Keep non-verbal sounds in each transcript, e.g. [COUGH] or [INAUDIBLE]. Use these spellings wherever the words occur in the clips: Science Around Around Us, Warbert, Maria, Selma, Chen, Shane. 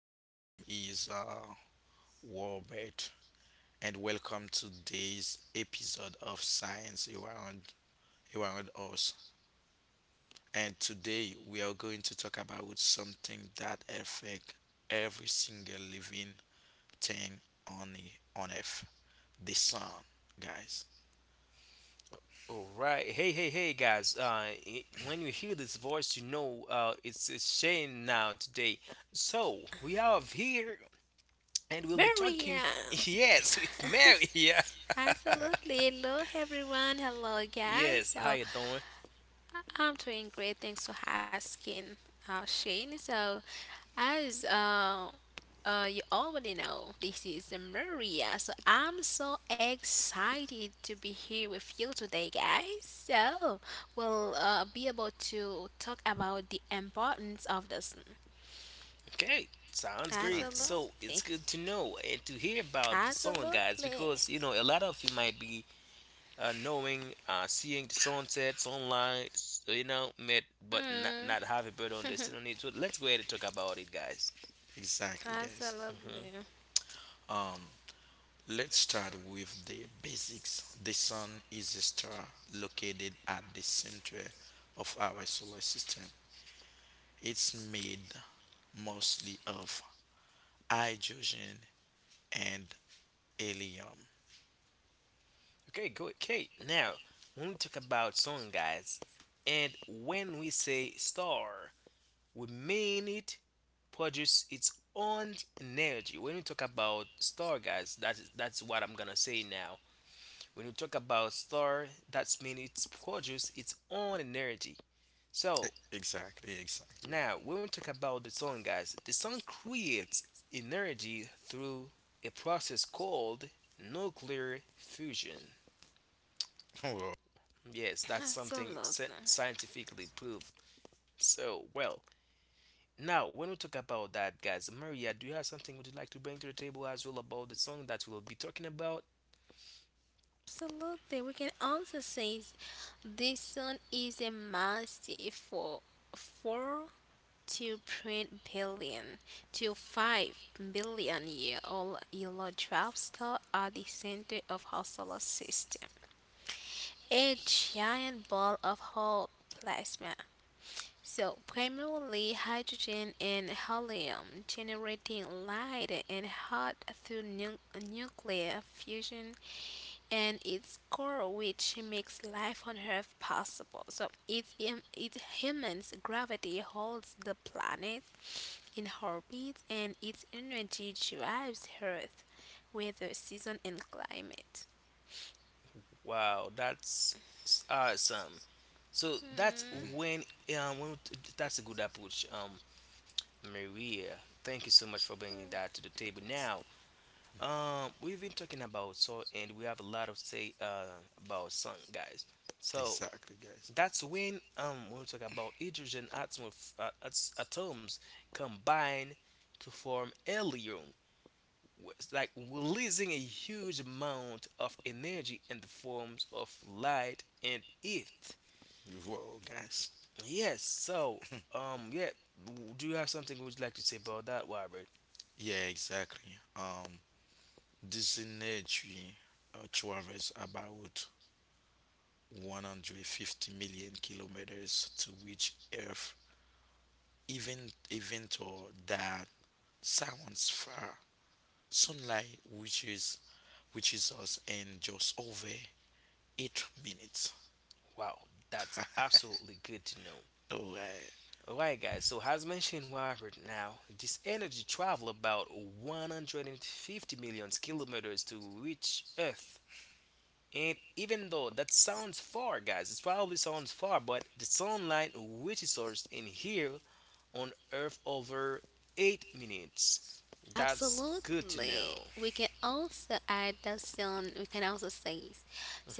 hey, my name is Warbert, and welcome to today's episode of Science Around Us. And today we are going to talk about something that affects every single living thing on Earth, the sun, guys. All right. Hey, hey, hey, guys. When you hear this voice, it's Shane now today. So, we are here and we'll be talking, Maria, [LAUGHS] yes, with Mary [LAUGHS] Yeah, [LAUGHS] Absolutely. Hello, everyone. Hello, guys. yes, how So, you doing? I'm doing great. Thanks for asking, Shane. So, as you already know, this is Maria. So, I'm so excited to be here with you today, guys. So, we'll be able to talk about the importance of this. Okay, sounds great. So, Exactly. it's Absolutely. good to know and to hear about the song, guys, Absolutely. because, a lot of you might be knowing, seeing the sunsets online, met, but Mm, not have a better understanding on it. So, let's go ahead and talk about it, guys. Exactly, guys. Absolutely. Mm-hmm. Um, let's start with the basics. The sun is a star located at the center of our solar system. It's made mostly of hydrogen and helium. Okay, good. Okay, now when we talk about song, guys, and when we say star, we mean it produce its own energy. When we talk about star, guys, that's what I'm gonna say now. When we talk about star, that's mean it's produce its own energy. E- So Exactly, exactly. now when we talk about the song, guys, the song creates energy through a process called nuclear fusion. [LAUGHS] Whoa. Yes, that's something Absolutely. Scientifically proved. So, well, now when we talk about that, guys, Maria, do you have something would you like to bring to the table as well about the song that we'll be talking about? Absolutely. We can also say this sun is a massive for 4 to print to 5 billion year old yellow dwarf star at the center of our solar system. A giant ball of hot plasma. So, primarily hydrogen and helium generating light and hot through nuclear fusion and its core, which makes life on earth possible. So, it humans gravity holds the planet in orbit, and its energy drives earth weather season and climate. Wow, that's awesome. So that's Hmm. Mhm. when that's a good approach, Maria. Thank you so much for bringing that to the table. Now, we've been talking about so, and we have a lot of say about song, guys. So Exactly, guys. that's when we talk about atoms combine to form helium, it's like releasing a huge amount of energy in the forms of light and heat. Whoa, guys. Yes, so yeah, do you have something would you like to say about that, Robert? Yeah, exactly. This energy travels about 150 million kilometers to reach Earth, even though that sounds far. Sunlight reaches us in just over 8 minutes. Wow, that's absolutely good to know. Oh, Alright, guys, so as mentioned right now, this energy travel about 150 million kilometers to reach Earth. And even though that sounds far, guys, it probably sounds far, but the sunlight reaches us in here on Earth over 8 minutes. That's good to Absolutely. know. We can also add that soon. We can also say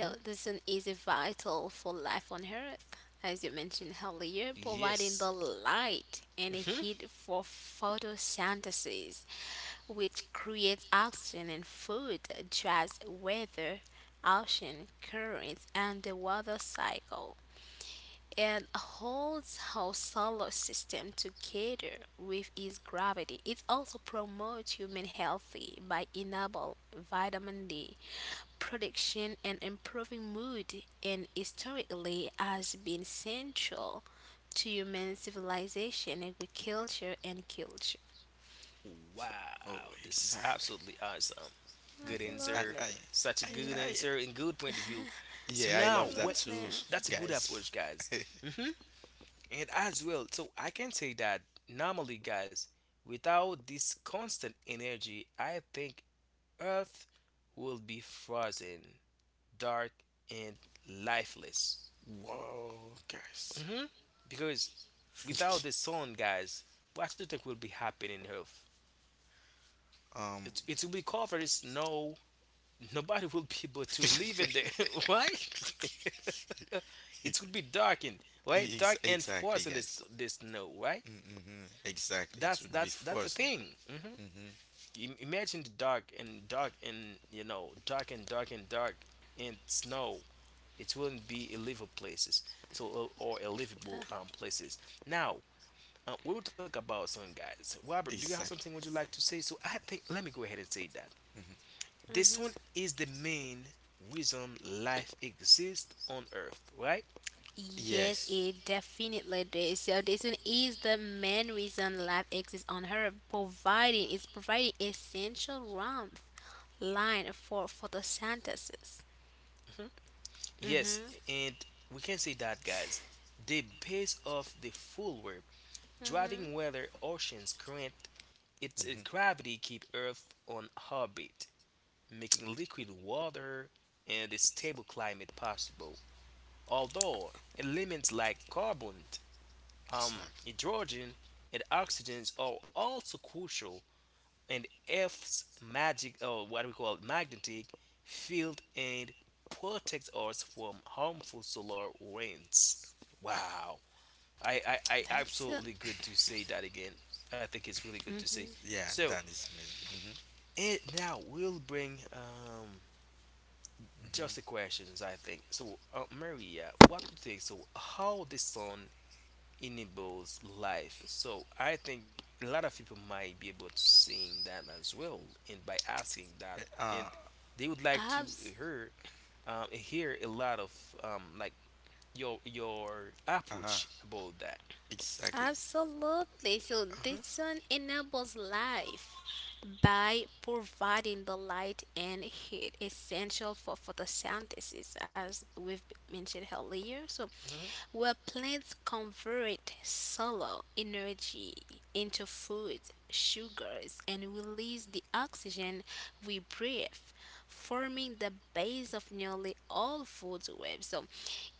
Hmm the Sun is vital for life on earth, as you mentioned earlier, providing Yes. the light and hmm heat for photosynthesis, which creates oxygen and food, drives weather, ocean currents, and the water cycle, and holds our solar system together with its gravity. It also promotes human healthy by enabling vitamin D production and improving mood, and historically has been central to human civilization, agriculture and culture. oh, Wow, this is absolutely exactly. awesome. Good I, Absolutely. answer. I, Such a I, good I, answer and good point of view. So yeah, I now, love that what? Absolutely. too, That's a good guys. approach, guys. Hmm And as well, so I can say that normally, guys, without this constant energy, I think Earth will be frozen, dark, and lifeless. Whoa, guys. Hmm Because without the [LAUGHS] sun, guys, what do you think will be happening in Earth? um, It will be covered in snow, nobody will be able to live in there. [LAUGHS] Why? [LAUGHS] [LAUGHS] It will be dark and right, dark and exactly, forest in guys. This snow, right? Mm-hmm, exactly. It That's would be that's that's the frozen. thing. Hmm Mm-hmm, You imagine the dark and dark and you know dark and dark and dark and snow. It wouldn't be a livable places, so or a livable places. Now we will talk about some guys. Robert, do you have something exactly. would you like to say? So I think let me go ahead and say that. Mm-hmm. This one is the main reason life exists on Earth, right? Yes, Yes. it definitely does. So this one is the main reason life exists on Earth, providing essential warmth line for photosynthesis. Mhm. Yes, Mm-hmm. and we can say that, guys. The base of the full web, driving weather, oceans, current, its Mm-hmm, gravity keep Earth on orbit, making liquid water and a stable climate possible. Although elements like carbon, exactly. hydrogen, and oxygen are also crucial and Earth's magic or what we call magnetic field and protects us from harmful solar winds. Wow. I That's uh, absolutely good to say that again. I think it's really good to say. Yeah, So that is amazing. Mm-hmm, it now will bring just the mm-hmm. questions I think. So Maria, what do you think? So how the sun enables life. So I think a lot of people might be able to sing that as well, and by asking that, Wait, and they would like to abs- hear hear a lot of like your uh-huh. approach about that. Exactly. Absolutely. So Hmm this sun enables life by providing the light and heat essential for photosynthesis, as we've mentioned earlier. So hmm where plants convert solar energy into food, sugars, and release the oxygen we breathe, forming the base of nearly all food webs. So,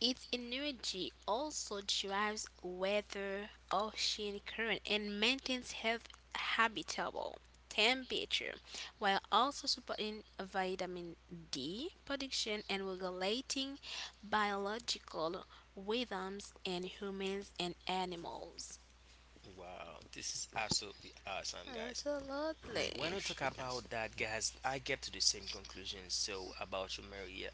its energy also drives weather, ocean current, and maintains health habitable temperature, while also supporting vitamin D production and regulating biological rhythms in humans and animals. Wow, this is absolutely awesome, guys. I'm When agree we Absolutely. talk with you about guys. that, Mm-hmm. guys, I get to the same conclusion. So about you, Maria,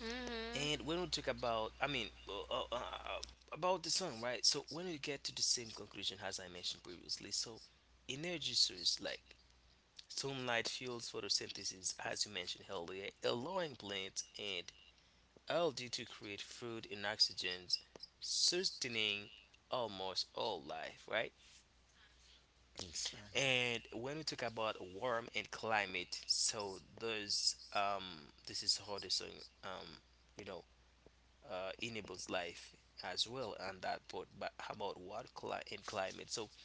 Hmm. and when we talk about, about the song, right? So when we get to the same conclusion as I mentioned previously, so energy source like sunlight fuels photosynthesis, as you mentioned earlier, allowing plants and algae to create food and oxygen, sustaining almost all life, right? Exactly. And when we talk about warm and climate, so those this is how the song um, you know enables life as well and that part but about what and climate so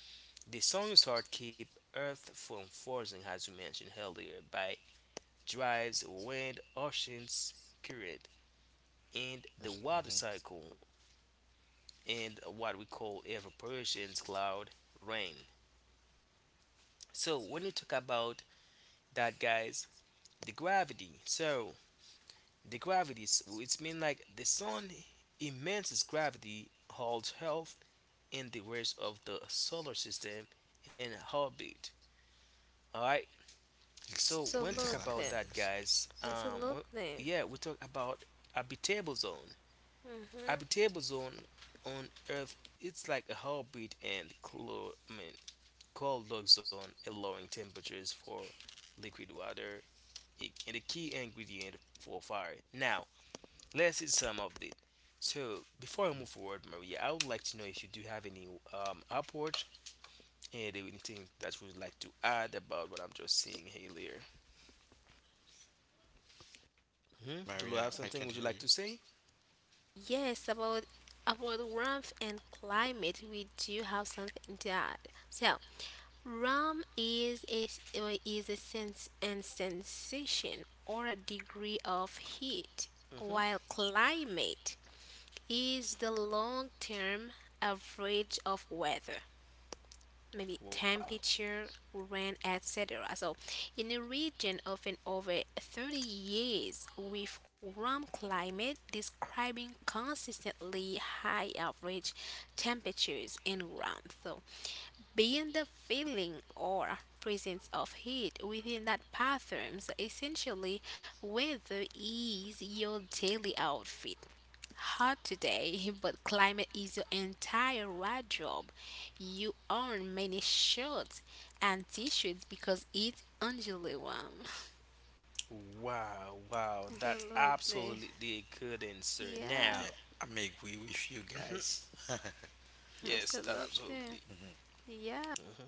the sun's heart keep earth from frozen as we mentioned earlier by drives wind oceans current and the water Mm-hmm. cycle and what we call evaporation, cloud rain, so when you talk about that guys the gravity so it's mean like the sun immense gravity holds earth in the rest of the solar system and orbit. All right. So when talk Exactly, Absolutely. about that, guys. guys, Absolutely. yeah, we talk about habitable zone. Habitable zone on Earth, it's like a orbit and cold log zone, allowing temperatures for liquid water and a key ingredient for fire. Now, let's see some of it. So before I move forward, Maria, I would like to know if you do have any approach. Anything that you would like to add about what I'm just seeing here? Mm-hmm. Maria, Lulu, have I can't something would hear you you. like to say? Yes, about warmth and climate, we do have something that so. Warmth is a sense and sensation or a degree of heat, Hmm while climate is the long term average of weather. Maybe Wow. temperature, rain, etc. So, in a region often over 30 years with warm climate, describing consistently high average temperatures and warmth. So, being the feeling or presence of heat within that patterns, essentially, weather is your daily outfit. Hot today, [LAUGHS] but climate is your entire wardrobe. You own many shirts and t-shirts because it's only warm. Wow, wow, [LAUGHS] that's Absolutely. absolutely a good answer. Yeah, Now, Yeah, I may agree with you mhm. guys. [CLEARS THROAT] Yes, that absolutely. absolutely. Mhm. Yeah. Hmm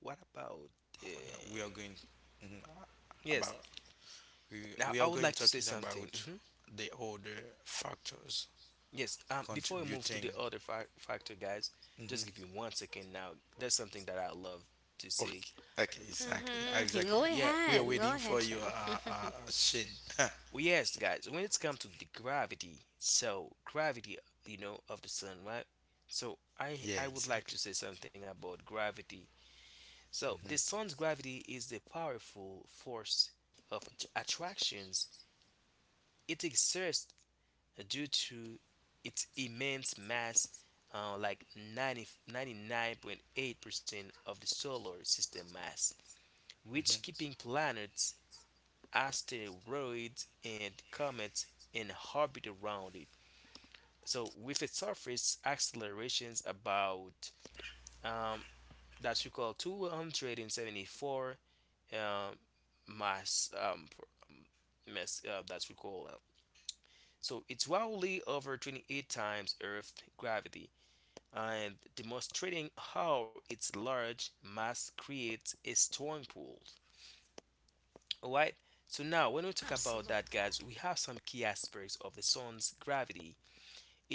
What about? Uh, Yeah, mhm, about yes. we Now, are I would going like to talking say something. about Hmm the other factors Yes. Before we move to contributing. the other factor, guys, just give Mhm. me 1 second. Now, there's something that I love to Okay, say. okay, exactly, Mm-hmm. exactly. Go Yeah. We are ahead. Go waiting ahead, for your Chen. Shane. [LAUGHS] Well, yes, guys, when it's come to the gravity, so gravity, you know, of the sun, right? So I Yeah, I would like exactly. to say something about gravity. So Mhm, the sun's gravity is a powerful force of attractions. It exerts due to its immense mass, like ninety nine point 8% of the solar system mass, which mhm. keeping planets, asteroids, and comets in orbit around it. So with a surface accelerations about um, that's equal to 174 um, mass mass that's equal so it's wildly over 28 times Earth gravity and demonstrating how its large mass creates a strong pull. All right. So now when we talk about that, Absolutely. guys, we have some key aspects of the sun's gravity.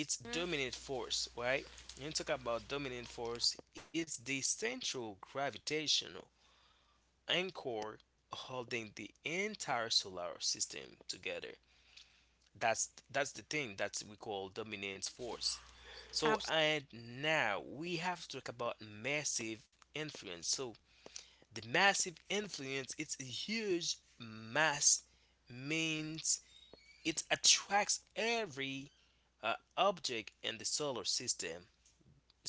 It's Mm, dominant force, right? When you talk about dominant force, it's the central gravitational anchor holding the entire solar system together. That's the thing that we call dominant force. So abs- and now we have to talk about massive influence. So the massive influence, it's a huge mass means it attracts every object in the solar system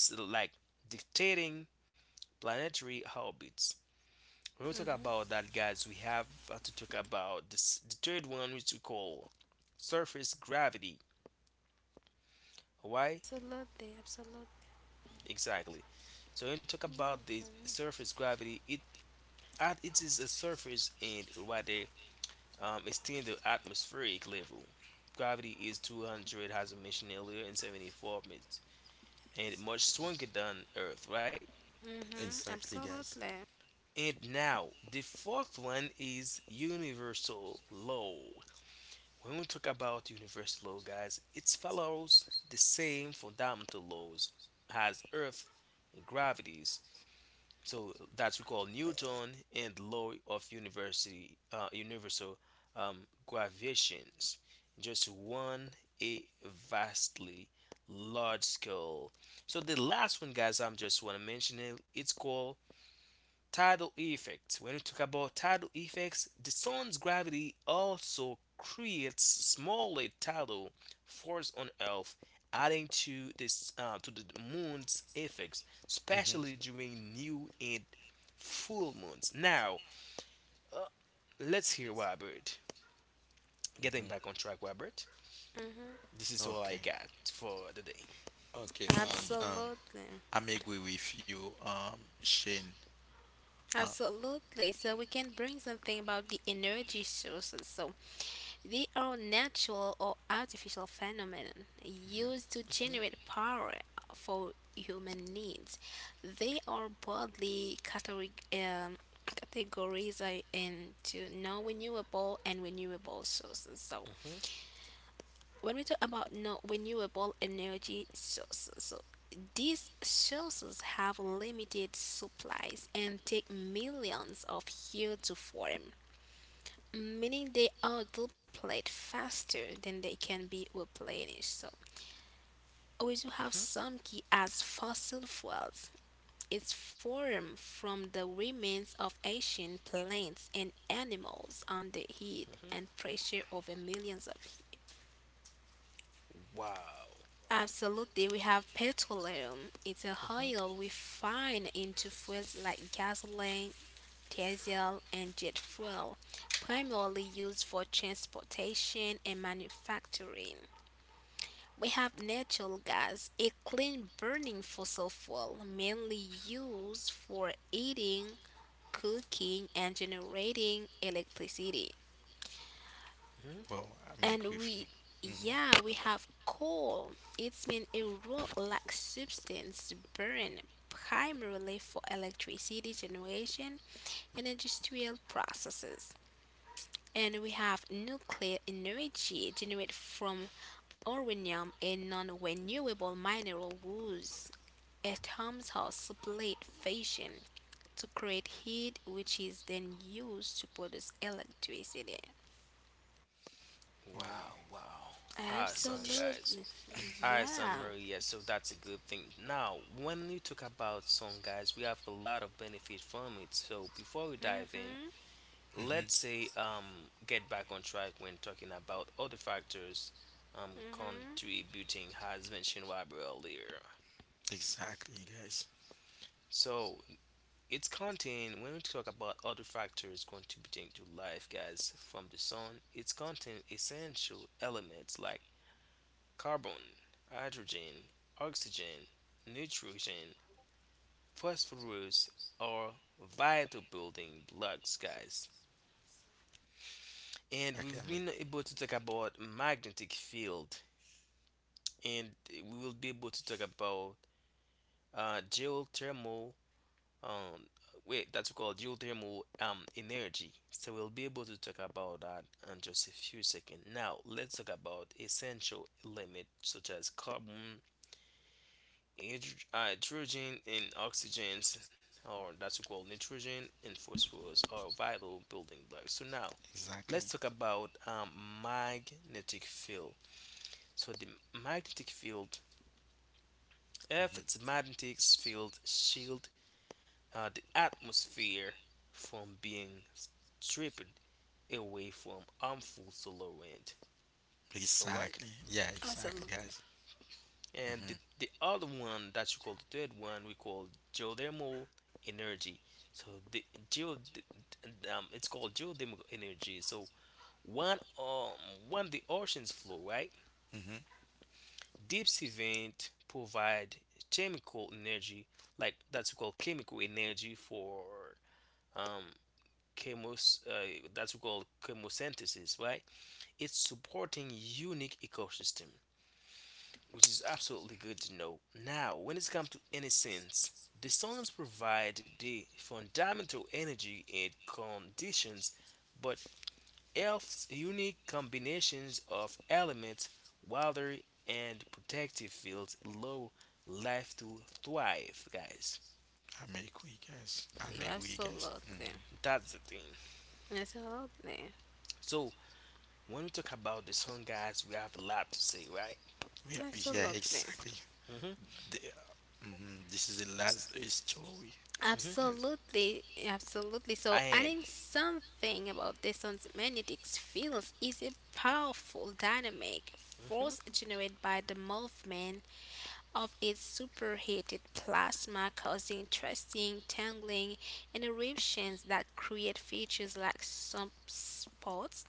like dictating planetary orbits. When we talk mhm. about that, guys, we have to talk about this, the third one, which we call surface gravity. Why? Absolutely. Absolutely. Exactly. So when we talk about the surface gravity, it at it is a surface and rather it's the atmospheric level. Gravity is 200, as I mentioned earlier, and 74 minutes, and much stronger than Earth, right? Mm-hmm. Exactly, guys. Absolutely. And now, the fourth one is universal law. When we talk about universal law, guys, it follows the same fundamental laws as Earth and gravities. So that we call Newton and law of university, universal gravitations. Just one a vastly large scale. So the last one, guys, I'm just want to mention it. It's called tidal effect. When we talk about tidal effects, the sun's gravity also creates smaller tidal force on earth, adding to this to the moon's effects, especially Mhm. during new and full moons. Now let's hear Robert, getting back on track, Robert. Mm-hmm. This is all I Okay, got for the day. okay. Um, um, Absolutely. I may agree with you, Shane. Uh, Absolutely. So we can bring something about the energy sources. So they are natural or artificial phenomena used to generate Mhm, power for human needs. They are broadly categorized into non-renewable and renewable sources. So mhm, when we talk about no renewable energy sources, so these sources have limited supplies and take millions of years to form, meaning they are depleted faster than they can be replenished. So we do have mhm, some key as fossil fuels. It's formed from the remains of ancient plants and animals under heat mhm. and pressure over millions of years. Wow. Absolutely, we have petroleum. It's a Mhm, oil we find into fuels like gasoline, diesel, and jet fuel, primarily used for transportation and manufacturing. We have natural gas, a clean burning fossil fuel mainly used for heating, cooking, and generating electricity. mhm. Well, I make And with you. we Mm-hmm. yeah we have coal. It's mean a rock like substance burned primarily for electricity generation and industrial processes, and we have nuclear energy generated from uranium and non-renewable mineral woods, atoms are split fission to create heat, which is then used to produce electricity. Oh, Wow, wow, awesome Absolutely. just guys. Hi, Yeah. Samaru. Yeah, so that's a good thing. Now, when we talk about song, guys, we have a lot of benefit from it. So before we dive in, Mm-hmm. hmm let's say get back on track when talking about other factors contributing, as mentioned by Rob earlier. exactly, guys. So it's content when we talk about other factors contributing to life, guys, from the sun, it's contain essential elements like carbon, hydrogen, oxygen, nitrogen, phosphorus are vital building blocks, guys. And Exactly, we've I'm agree. been able to talk about magnetic field, and we will be able to talk about geothermal. Um, wait, that's called geothermal energy. So we'll be able to talk about that in just a few seconds. Now, let's talk about essential elements such as carbon, hydrogen and oxygen, or that's called nitrogen and phosphorus, are vital building blocks. So now, let's Exactly. talk about magnetic field. So the magnetic field, Hmm. Earth's magnetic field shield the atmosphere from being stripped away from harmful solar wind. All right. Exactly. Yeah, exactly, Absolutely, guys. And the, Hmm. the other one that you call the third one, we call geothermal energy. So the geo, the- it's called geothermal energy. So one when the oceans flow, right, Hmm. deep sea vent provide chemical energy, like that's we call chemical energy for um chemos that's we call chemosynthesis, right? It's supporting unique ecosystem, which is absolutely good to know. Now, when it comes to innocence, the suns provide the fundamental energy and conditions, but Earth's unique combinations of elements, water, and protective fields allow life to thrive, guys. I'm agree, guys. I'm hmm agree, guys. absolutely, Hmm. That's the thing. absolutely, So, when we talk about the sun, guys, we have a lot to say, right? We are, yeah, absolutely, exactly. Mm-hmm. The, hmm This is the It's, last story, hmm guys. absolutely, absolutely. So, And, adding something about this on magnetic fields is a powerful dynamic hmm force generated by the movement of its superheated plasma, causing twisting, tangling, and eruptions that create features like sunspots,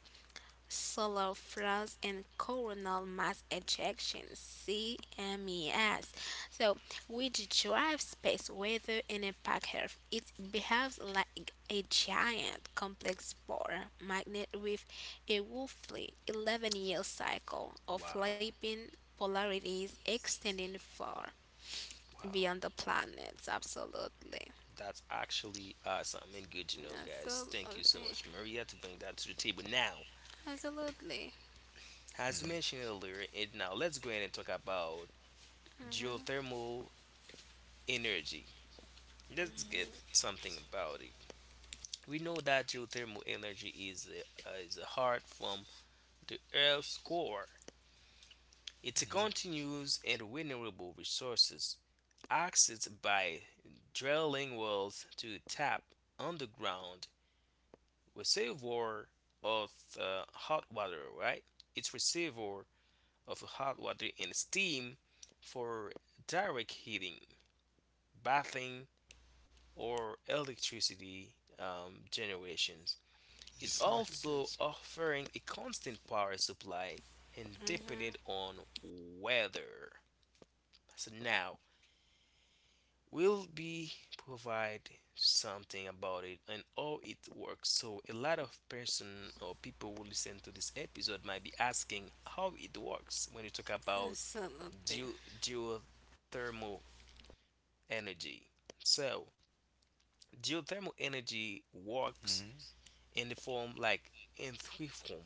solar flares, and coronal mass ejections (CMES), so which drives space weather and impact Earth. It behaves like a giant complex ball magnet with a roughly 11-year cycle of wow, flipping polarities extending far wow. beyond the planets. Absolutely. That's actually awesome and good to know, guys. Thank you so Absolutely. much, Maria, to bring that to the table. Now, Absolutely. as you Hmm. mentioned earlier, and now let's go ahead and talk about geothermal energy. Let's get something about it. We know that geothermal energy is is a heart from the Earth's core. It's a Hmm. continuous and renewable resources accessed by drilling wells to tap underground reservoir of hot water, right? It's reservoir of hot water and steam for direct heating, bathing, or electricity generations. It's Exactly, also guys. offering a constant power supply and dependent on weather. So now we'll be provide something about it and how it works. So a lot of person or people who listen to this episode might be asking how it works when you talk about Absolutely. Geothermal energy. So geothermal energy works Mm-hmm. in the form like in three form.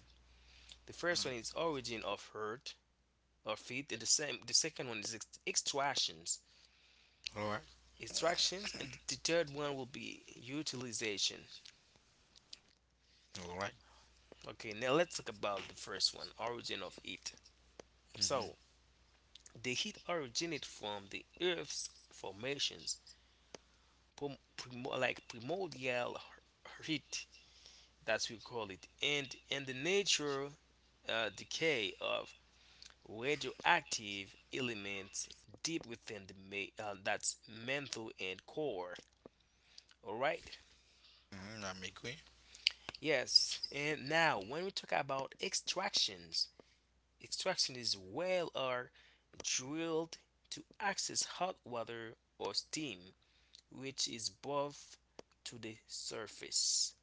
The first one is origin of earth or feed, and the same the second one is extractions, All right. And the third one will be utilization. All right. Okay, now let's talk about the first one, origin of heat. Mm-hmm. So, the heat originated from the Earth's formations, primordial heat, that's we call it, and the natural decay of radioactive elements deep within the that's mantle and core. All right. Mm-hmm. I'm agree. Yes, and now when we talk about extractions, extractionists wells are drilled to access hot water or steam, which is above to the surface.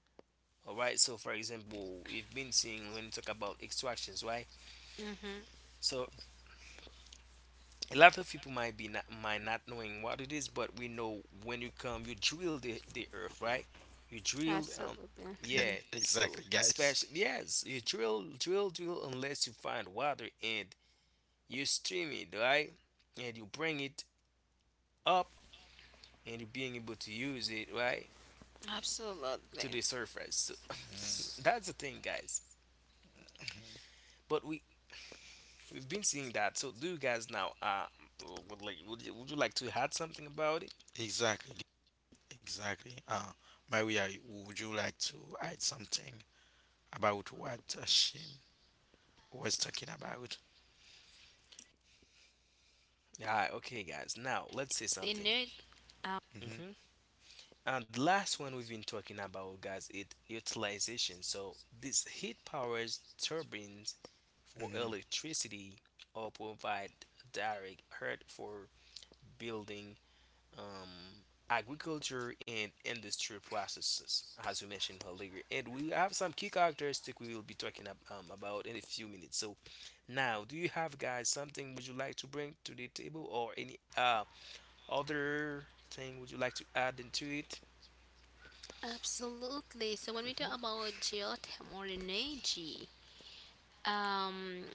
All right. So, for example, we've been seeing when we talk about extractions, right? Hmm. So, a lot of people might be not, might not knowing what it is, but we know when you come, you drill the earth, right? You drill, Absolutely. yeah. [LAUGHS] So, Exactly, guys. especially yes, you drill, drill, drill unless you find water and you stream it right and you bring it up and you being able to use it right to the Absolutely. surface so [LAUGHS] that's the thing, guys, but we we've been seeing that. So do you guys now would like, would you like to add something about it? Exactly. Exactly. Maria, would you like to add something? About what she was talking about. Yeah, okay, guys, now let's say They something. need. Hmm. hmm and the last one we've been talking about, guys, it utilization. So this heat powers turbines for Hmm. electricity or provide direct heat for building, um, agriculture and industrial processes, as we mentioned earlier. And we have some key characteristics we will be talking about in a few minutes. So, now, do you have guys something would you like to bring to the table, or any other thing would you like to add into it? Absolutely. So when we talk hmm about geothermal energy, Um,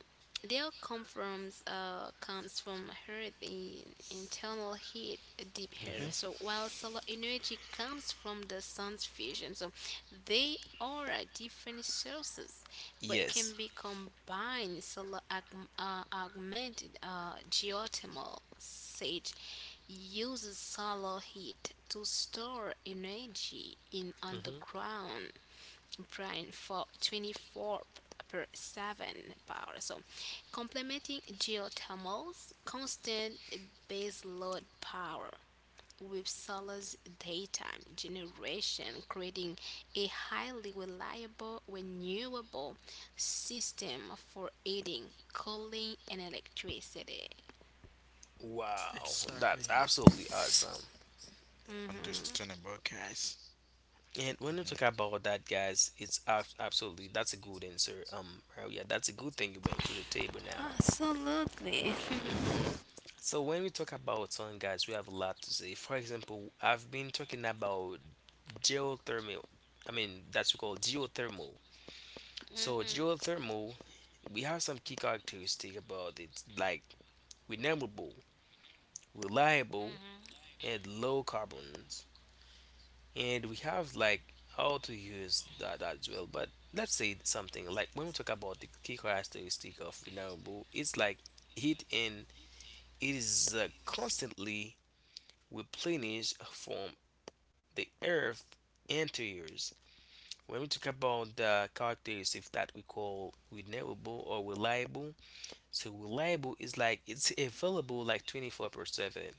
their comfort comes from heat, internal heat, deep heat. Hmm. hmm So while solar energy comes from the sun's fusion, so they are different sources, but can Yes. be combined. Solar augmented geothermal sage uses solar heat to store energy in hmm underground brain for 24 per 7 power. So, complementing geothermal's constant baseload power with solar's daytime generation, creating a highly reliable renewable system for heating, cooling, and electricity. Wow, Exactly. that's absolutely awesome. Understandable, guys. And when you talk Hmm. about that, guys, it's absolutely that's a good answer. Yeah, that's a good thing you bring to the table now. Absolutely. Mhm. So when we talk about sun, guys, we have a lot to say. For example, I've been talking about geothermal. I mean, that's we call geothermal. So Hmm. geothermal, we have some key characteristics about it, like renewable, reliable, and low carbons. And we have like how to use that as well. But let's say something like when we talk about the key characteristic of renewable, it's like heat and it is constantly replenished from the earth interiors. When we talk about the characteristics that we call renewable or reliable, so reliable is like it's available like 24 per 7,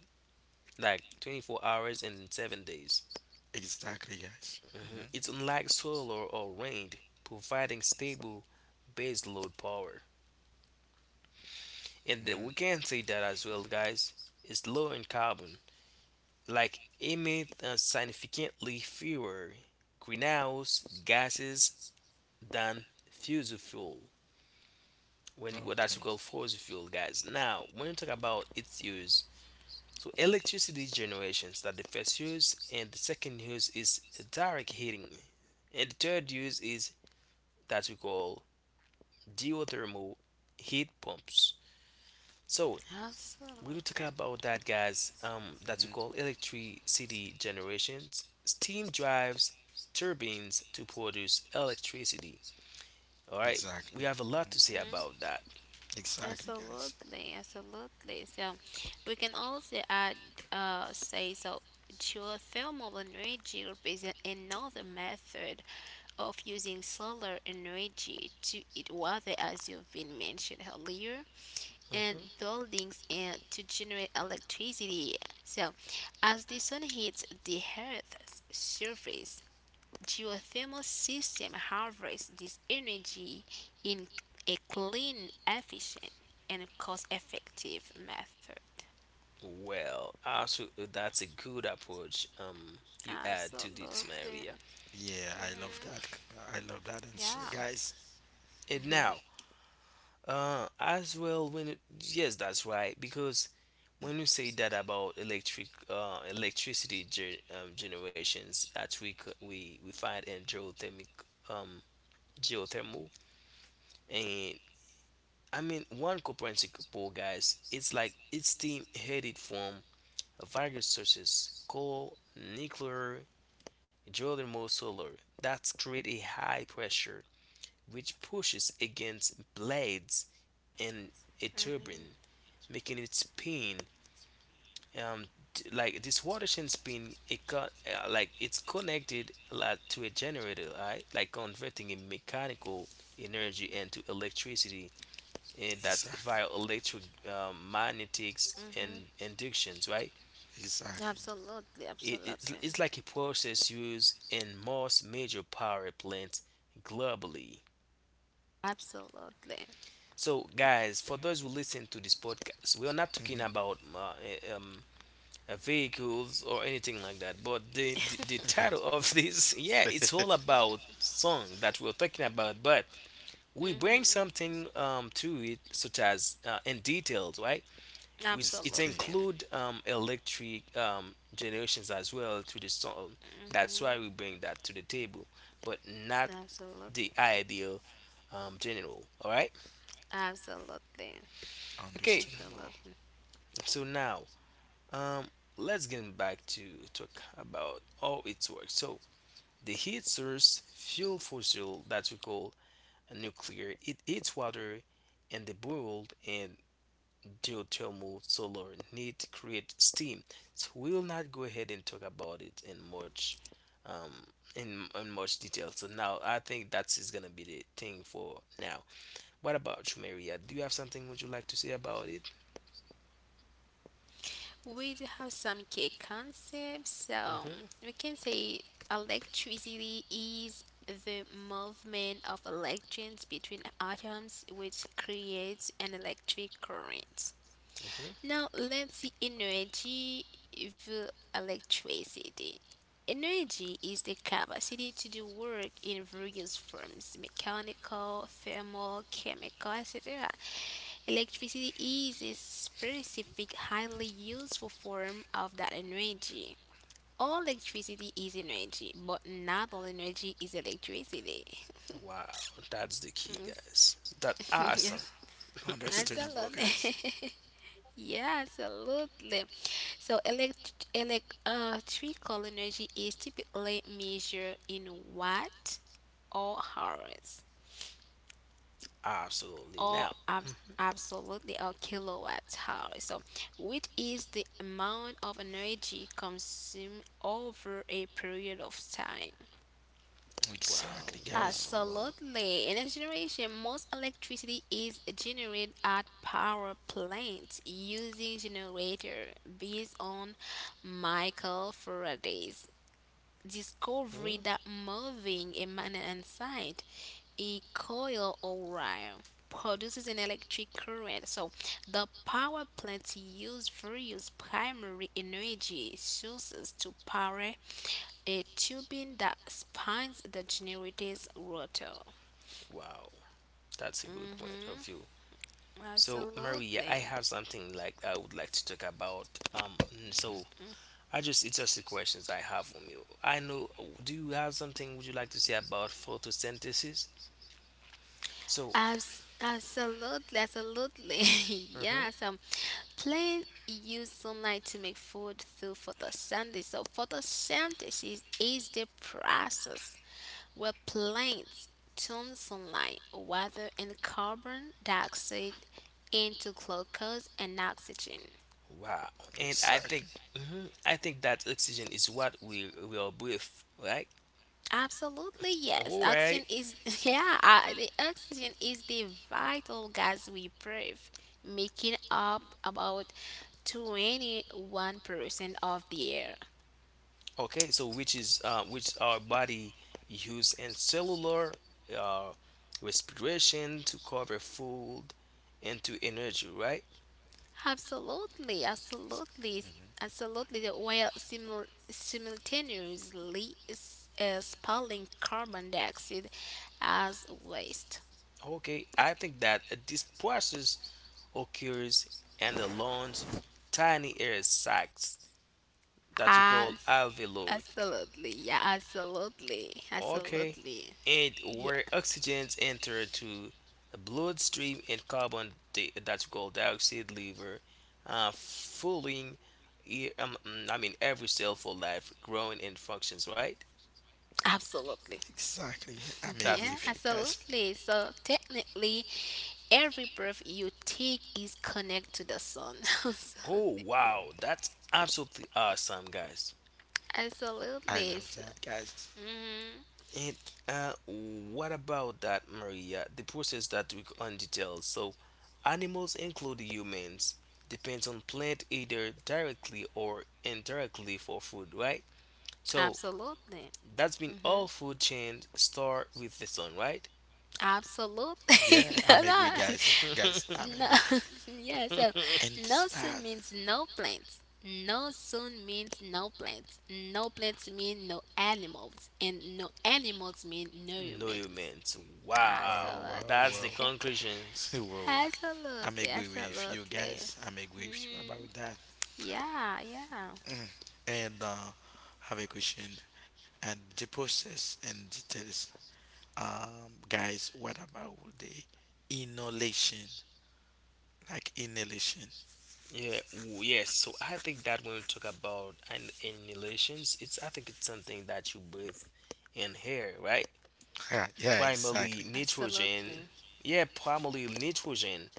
like 24 hours and 7 days. Exactly, guys. Hmm. Mhm. It's unlike solar or wind, providing stable base load power. And we Hmm. can say that as well, guys. It's low in carbon, like emit significantly fewer greenhouse gases than fossil fuel. When what that's Okay. called fossil fuel, guys. Now, when you talk about its use, so electricity generations that the first use, and the second use is direct heating, and the third use is that we call geothermal heat pumps. So we will talk Absolutely. about that, guys. That we Hmm. call electricity generations. Steam drives turbines to produce electricity. All right, Exactly. we have a Hmm. lot to say Mhm. about that. Exactly, guys. Absolutely, absolutely. So we can also add, say, so geothermal energy is another method of using solar energy to heat water, as you've been mentioned earlier, Mhm. and buildings, and to generate electricity. So, as the sun hits the Earth's surface, geothermal system harvests this energy in a clean, efficient, and cost effective method. Well, absolutely, that's a good approach you add to this, Absolutely. Maria. Yeah, I love that. I love that answer, Yeah. guys. And now, as well when it, yes, that's right because when you say that about electricity ge generations that we we find in geothermic, um geothermal, and I mean one comprehensible, guys, it's like it's steam headed from various sources, coal, nuclear, geothermal solar that create a high pressure which pushes against blades in a turbine, making it spin. Um, like this water chain spin, it got like it's connected like, to a generator, right? Like converting a mechanical energy into electricity, and that Exactly. via electric magnetics Mm-hmm. and inductions, right? Exactly. Absolutely. Absolutely. It's like a process used in most major power plants globally. Absolutely. So, guys, for those who listen to this podcast, we are not talking Mhm. about vehicles or anything like that. But the title [LAUGHS] of this, [LAUGHS] yeah, it's all Yes. about song that we're talking about. But we bring Mm-hmm. something to it, such as in details, right? [LAUGHS] Which it Exactly. Absolutely. include electric generations as well to the song. That's why we bring that to the table, but not the Absolutely. ideal general. All right. Absolutely. Okay. Understandable. Absolutely. So now Um, let's get back to talk about how it works. So the heat source fuel fossil that we call nuclear. It heats water and the boiled and geothermal solar need to create steam. So we'll not go ahead and talk about it um, in much detail. So now I think that is gonna be the thing for now. What about you, Maria? Do you have something would you like to say about it? We do have some key concepts. So we can say electricity is the movement of electrons between atoms, which creates an electric current. hmm Now let's see energy vs electricity. Energy is the capacity to do work in various forms mechanical, thermal, chemical, etc. Electricity is a specific, highly useful form of that energy. All electricity is energy, but not all energy is electricity. Wow, that's the [LAUGHS] key, Yes, guys. That's awesome. yes, Yeah. [LAUGHS] Understandable, guys. absolutely. [LAUGHS] Yeah, absolutely. So, electrical energy is typically measured in watt or hours Absolutely. or Now, absolutely or kilowatt hours. So, which is the amount of energy consumed over a period of time. Exactly, wow, wow, guys. wow. Absolutely. In this generation, most electricity is generated at power plants using generator based on Michael Faraday's Hmm, discovery that moving a magnet inside a coil or wire produces an electric current. So the power plants use various primary energy sources to power a turbine that spins the generator's rotor. wow, that's a good point of view. Mm-hmm. So, Maria, I Absolutely. have something like I would like to talk about. Mhm. So I just it's just the questions I have from you. I know. Do you have something would you like to say about photosynthesis? So, Absolutely, absolutely. [LAUGHS] mhm, Yeah, so plant use sunlight to make food through photosynthesis. So photosynthesis is the process where plants turn sunlight, water and carbon dioxide into glucose and oxygen. wow. And I think Exactly. mhm, I think that oxygen is what we all breathe, right? Absolutely, yes. All right. Oxygen is, [LAUGHS] yeah, the oxygen is the vital gas we breathe, making up about 21% of the air. Okay. So which is which our body use in cellular uh, respiration to cover food and to energy, right? Absolutely, absolutely, Mhm. absolutely. The oil simultaneously is, spilling carbon dioxide as waste. Okay, I think that this process occurs in the lungs, tiny air sacs that we call As, alveoli. absolutely, yeah, absolutely, Okay, absolutely, and yeah, where oxygens enter to bloodstream and carbon that's called dioxide liver, uh, fooling, I mean every cell for life, growing and functions. Right, absolutely. Exactly. I'm [LAUGHS] agree that's with the Yeah, you, thing. guys. absolutely. So technically, every breath you take is connected to the sun. [LAUGHS] Oh Absolutely. Whoa. wow, that's absolutely awesome, guys. I Absolutely. love that, guys. Mhm. And what about that, Maria? The process that we on details. So, animals, including humans, depends on plant either directly or indirectly for food, right? So Absolutely. that's been Hmm. all food chains start with the sun, right? Absolutely. Yeah, [LAUGHS] I'm No, agree, no. guys. Guys, [LAUGHS] I'm No. agree. [LAUGHS] Yeah, so And this no sun part. means no plants. No sun means no plants. No plants mean no animals. And no animals mean no No humans. humans. Oh, Wow, Absolutely. wow, that's the wow. [LAUGHS] conclusions. [LAUGHS] Whoa. I'm Absolutely, agree with you, absolutely. guys. I'm agree with you Hmm. about that. Yeah, yeah. Mm. And have a question. And the process and details. Guys, what about the inhalation? Like inhalation. [LAUGHS] Yeah, yes. So I think that when we talk about an inhalations, it's I think it's something that you breathe in here, right? Yeah, yeah, Primarily exactly. Absolutely, nitrogen. Yeah, primarily nitrogen.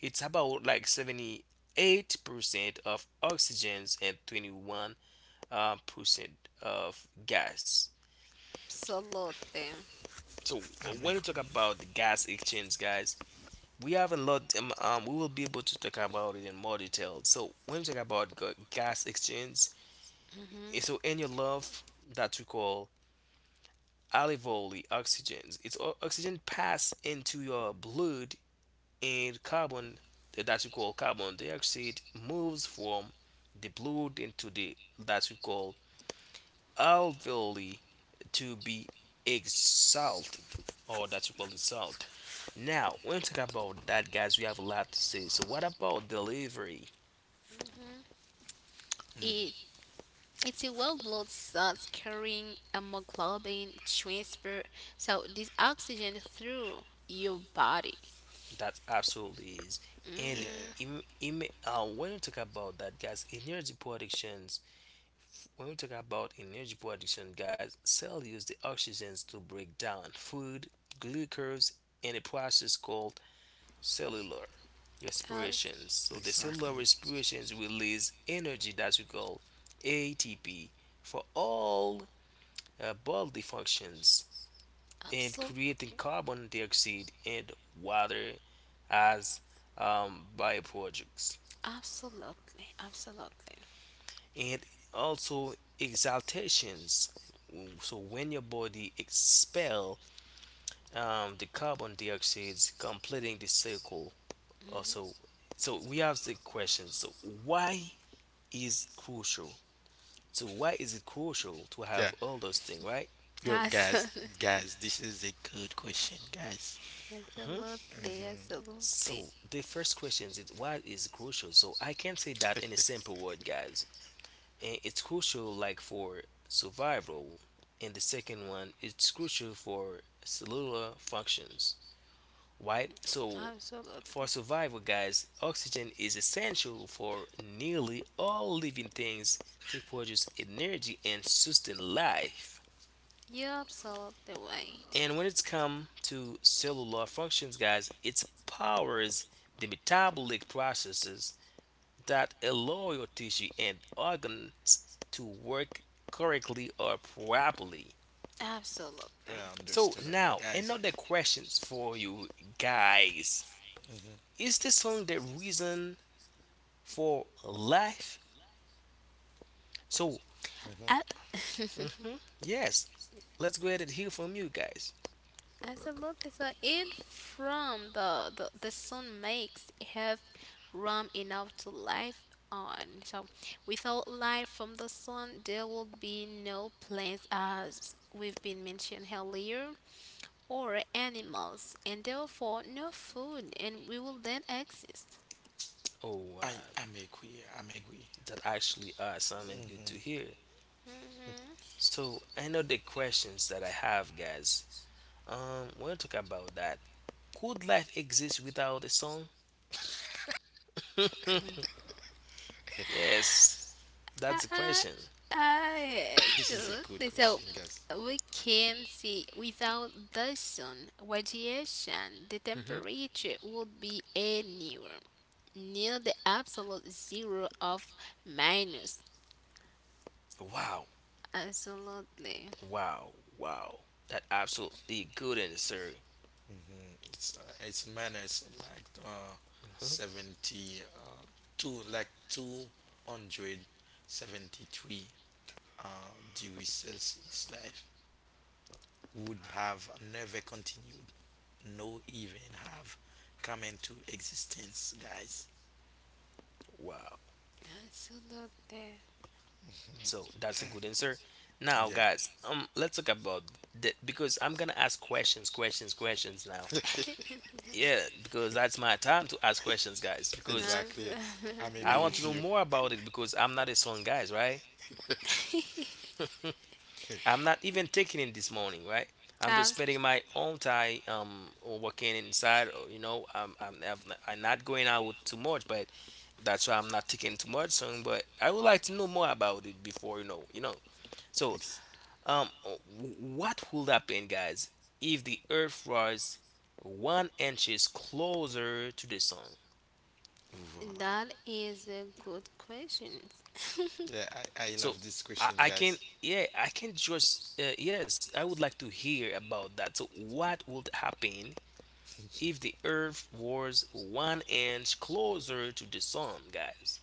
It's about like 78% of oxygens and 21 percent of gas. absolutely. So I'm when we agreeing. talk about the gas exchange, guys, we have a lot. We will be able to talk about it in more detail. So when we talk about gas exchange, Hmm. so in your love that we call alveoli, oil oxygens it's oxygen pass into your blood and carbon that we call carbon dioxide moves from the blood into the that we call alveoli to be exhaled, or that we call exhaled. Now when we talk about that, guys, we have a lot to say, so what about delivery? It Mhm. it's a well blood cells carrying hemoglobin transfer, so this oxygen through your body. That absolutely is. And Hmm. Yeah, when you talk about that, guys, energy productions, when we talk about energy production, guys, cell use the oxygens to break down food, glucose, in a process called cellular respirations. So the cellular exactly. respirations release energy that we call ATP for all bodily functions and Absolutely, creating carbon dioxide and water as byproducts absolutely, absolutely. and also exhalations. So when your body expel the carbon dioxide completing the cycle also. So we have the question, so why is it crucial? So why is it crucial to have Yeah. all those things, right? Yo, guys, Absolutely, guys, this is a good question, guys. [LAUGHS] Hmm? absolutely, Mm-hmm. absolutely, So the first question is why is it crucial. So I can't say that in a simple word, guys. And it's crucial like for survival, and the second one, it's crucial for cellular functions, right? So for absolutely. survival, guys, oxygen is essential for nearly all living things to produce energy and sustain life. You're absolutely right. And when it's come to cellular functions, guys, it powers the metabolic processes that allow your tissue and organs to work correctly or properly. Yeah, Absolutely. So understandable, now guys. another questions for you guys. Mm-hmm. Is this song the reason for life? So A- Mm-hmm. [LAUGHS] yes, let's go ahead and hear from you guys. Absolutely. So in from the sun makes have room enough to life on. So without light from the sun, there will be no plants, as we've been mentioned earlier, or animals, and therefore no food, and we will then exist. Oh, I, I'm agree. I'm agree. that actually awesome and good to Mm-hmm. hear. Hmm. So I know the questions that I have, guys. We'll talk about that. Could life exist without a song? Yes, that's the [LAUGHS] question. [LAUGHS] This is a good Absolutely. So question, guys. we can see without the sun radiation, the Mhm. temperature would be anywhere near the absolute zero of minus. Wow. Absolutely. Wow. Wow. That absolutely good answer. Mhm. It's minus like Mhm. 70, two, like 273 degrees Celsius. Life would have never continued, no even have come into existence, guys. Wow. Absolutely. So that's a good answer. Now, Yeah, guys, let's talk about that, because I'm gonna ask questions, questions, questions now. Yeah, because that's my time to ask questions, guys. Because exactly. I'm I agree Absolutely. want to with know you. more about it, because I'm not a song, guys, right? [LAUGHS] I'm not even taking it this morning, right? I'm just Abs- spending my own time working inside. Or, you know, I'm not going out too much, but that's why I'm not taking too much song, but I would like to know more about it before. So, Ex- um, what would happen, guys, if the Earth was 1 inches closer to the sun? wow. that is a good question. [LAUGHS] Yeah, I So, love this I, question, I can, guys. yeah, I can just, yes, I would like to hear about that. So, what would happen if the Earth was one inch closer to the sun, guys?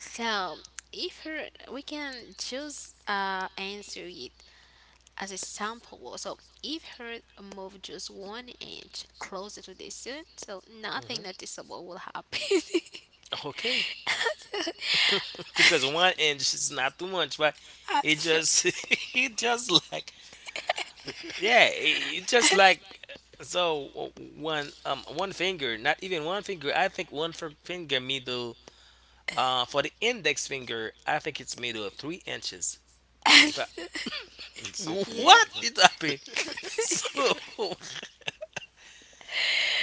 So, if her, we can choose answer it as a sample, wall, so if her move just one inch closer to the sun, so nothing Hmm. noticeable will happen. [LAUGHS] Okay. Because one inch is not too much, but it So- just [LAUGHS] it just like, yeah, it just like, so one, one finger, not even one finger. I think one finger middle. For the index finger, I think it's middle of 3 inches. If I as- [LAUGHS] Exactly. yeah, what Exactly. is happening? [LAUGHS] So [LAUGHS]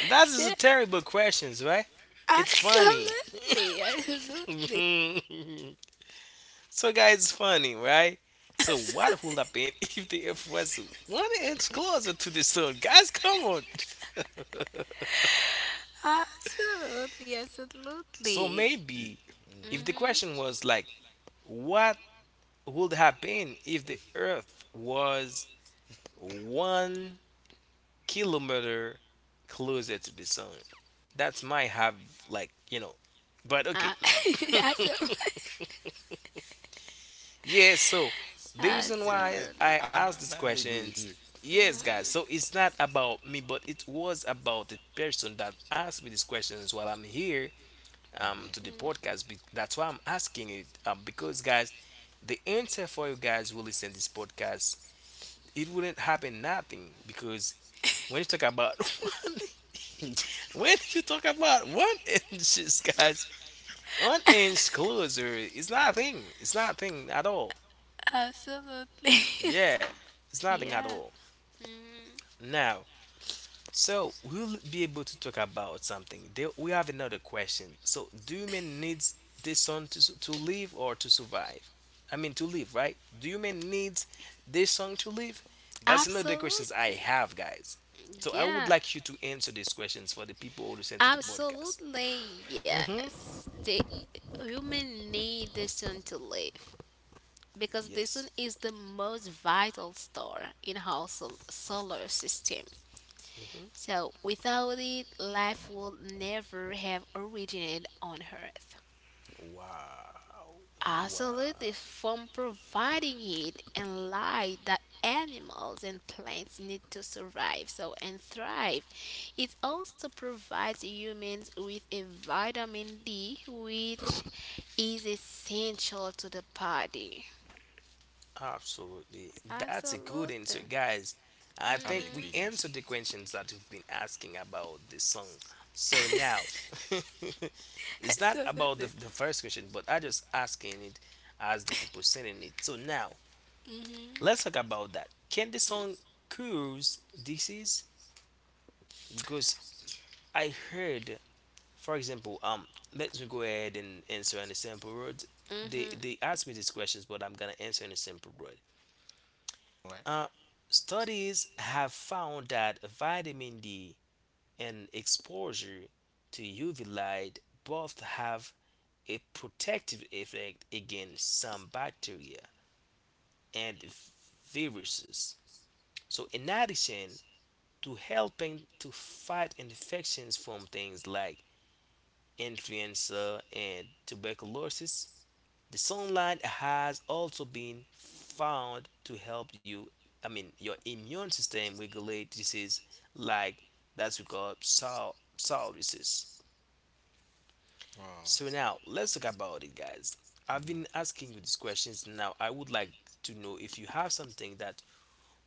that is a yeah, terrible questions, right? It's funny. absolutely, absolutely, [LAUGHS] So guys, it's funny, right? So what would happen [LAUGHS] if the Earth was one inch closer to the sun? Guys, come on. [LAUGHS] absolutely, So absolutely. maybe if the Hmm. Mm-hmm. question was like, what would happen if the Earth was 1 kilometer closer to the sun? That's might have like, you know, but Uh, okay. [LAUGHS] Absolutely, Yeah, so the reason And, why and absolutely, I I, I'm, asked these I'm, I'm agree with questions, you. yes, guys, mhm, so it's not about me, but it was about the person that asked me these questions while I'm here to the podcast. That's why I'm asking it, because, guys, the answer for you guys who listen this podcast, it wouldn't happen nothing, because when you talk about [LAUGHS] one, when you talk about one [LAUGHS] inches, guys, one inch closer, it's nothing. It's nothing at all. absolutely. Yeah, it's [LAUGHS] nothing at Yeah, all. mhm, Now, so we'll be able to talk about something. There, we have another question. So, do human needs the sun to to live or to survive? I mean, to live, right? Do human needs this sun to live? That's another questions I absolutely. have, guys. So, I would Yeah, like you to answer these questions for the people who listen to the podcast. absolutely, yes. The human need the sun to live because the sun Yes. is the most vital star in our solar system. So without it, life would never have originated on Earth. Wow. Wow. Absolutely, from providing it and light that animals and plants need to survive so and thrive. It also provides humans with a vitamin D which is essential to the body. Absolutely. That's a good answer, Absolutely. guys. I I'm think agree, we [LAUGHS] guys. answered the questions that we've been asking about this song. So now, [LAUGHS] it's not about the, Absolutely. First question, but I just asking it as the people sending it. So now, Mhm. let's talk about that. Can the song cause disease? Because I heard, for example, let me go ahead and answer in a simple word. They Mhm. they asked me these questions, but I'm gonna answer in a simple word. Right? Uh, studies have found that vitamin D and exposure to UV light both have a protective effect against some bacteria and viruses. So, in addition to helping to fight infections from things like influenza and tuberculosis, the sunlight has also been found to help you, I mean, your immune system regulate disease like that's we call psoriasis. Wow. So now let's talk about it, guys. I've been Hmm. asking you these questions. Now I would like to know if you have something that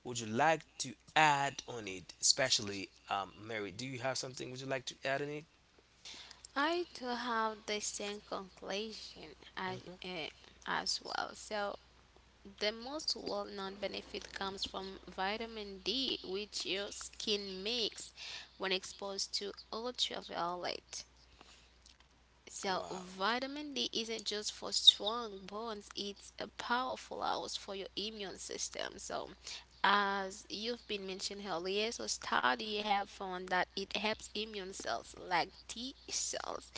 would you like to add on it, especially Mary. Do you have something would you like to add on it? I do have the same conclusion as well. So the most well known benefit comes from vitamin D, which your skin makes when exposed to ultraviolet. So, Wow, vitamin D isn't just for strong bones, it's a powerful house for your immune system. So, as you've been mentioned earlier, so study have found that it helps immune cells like T cells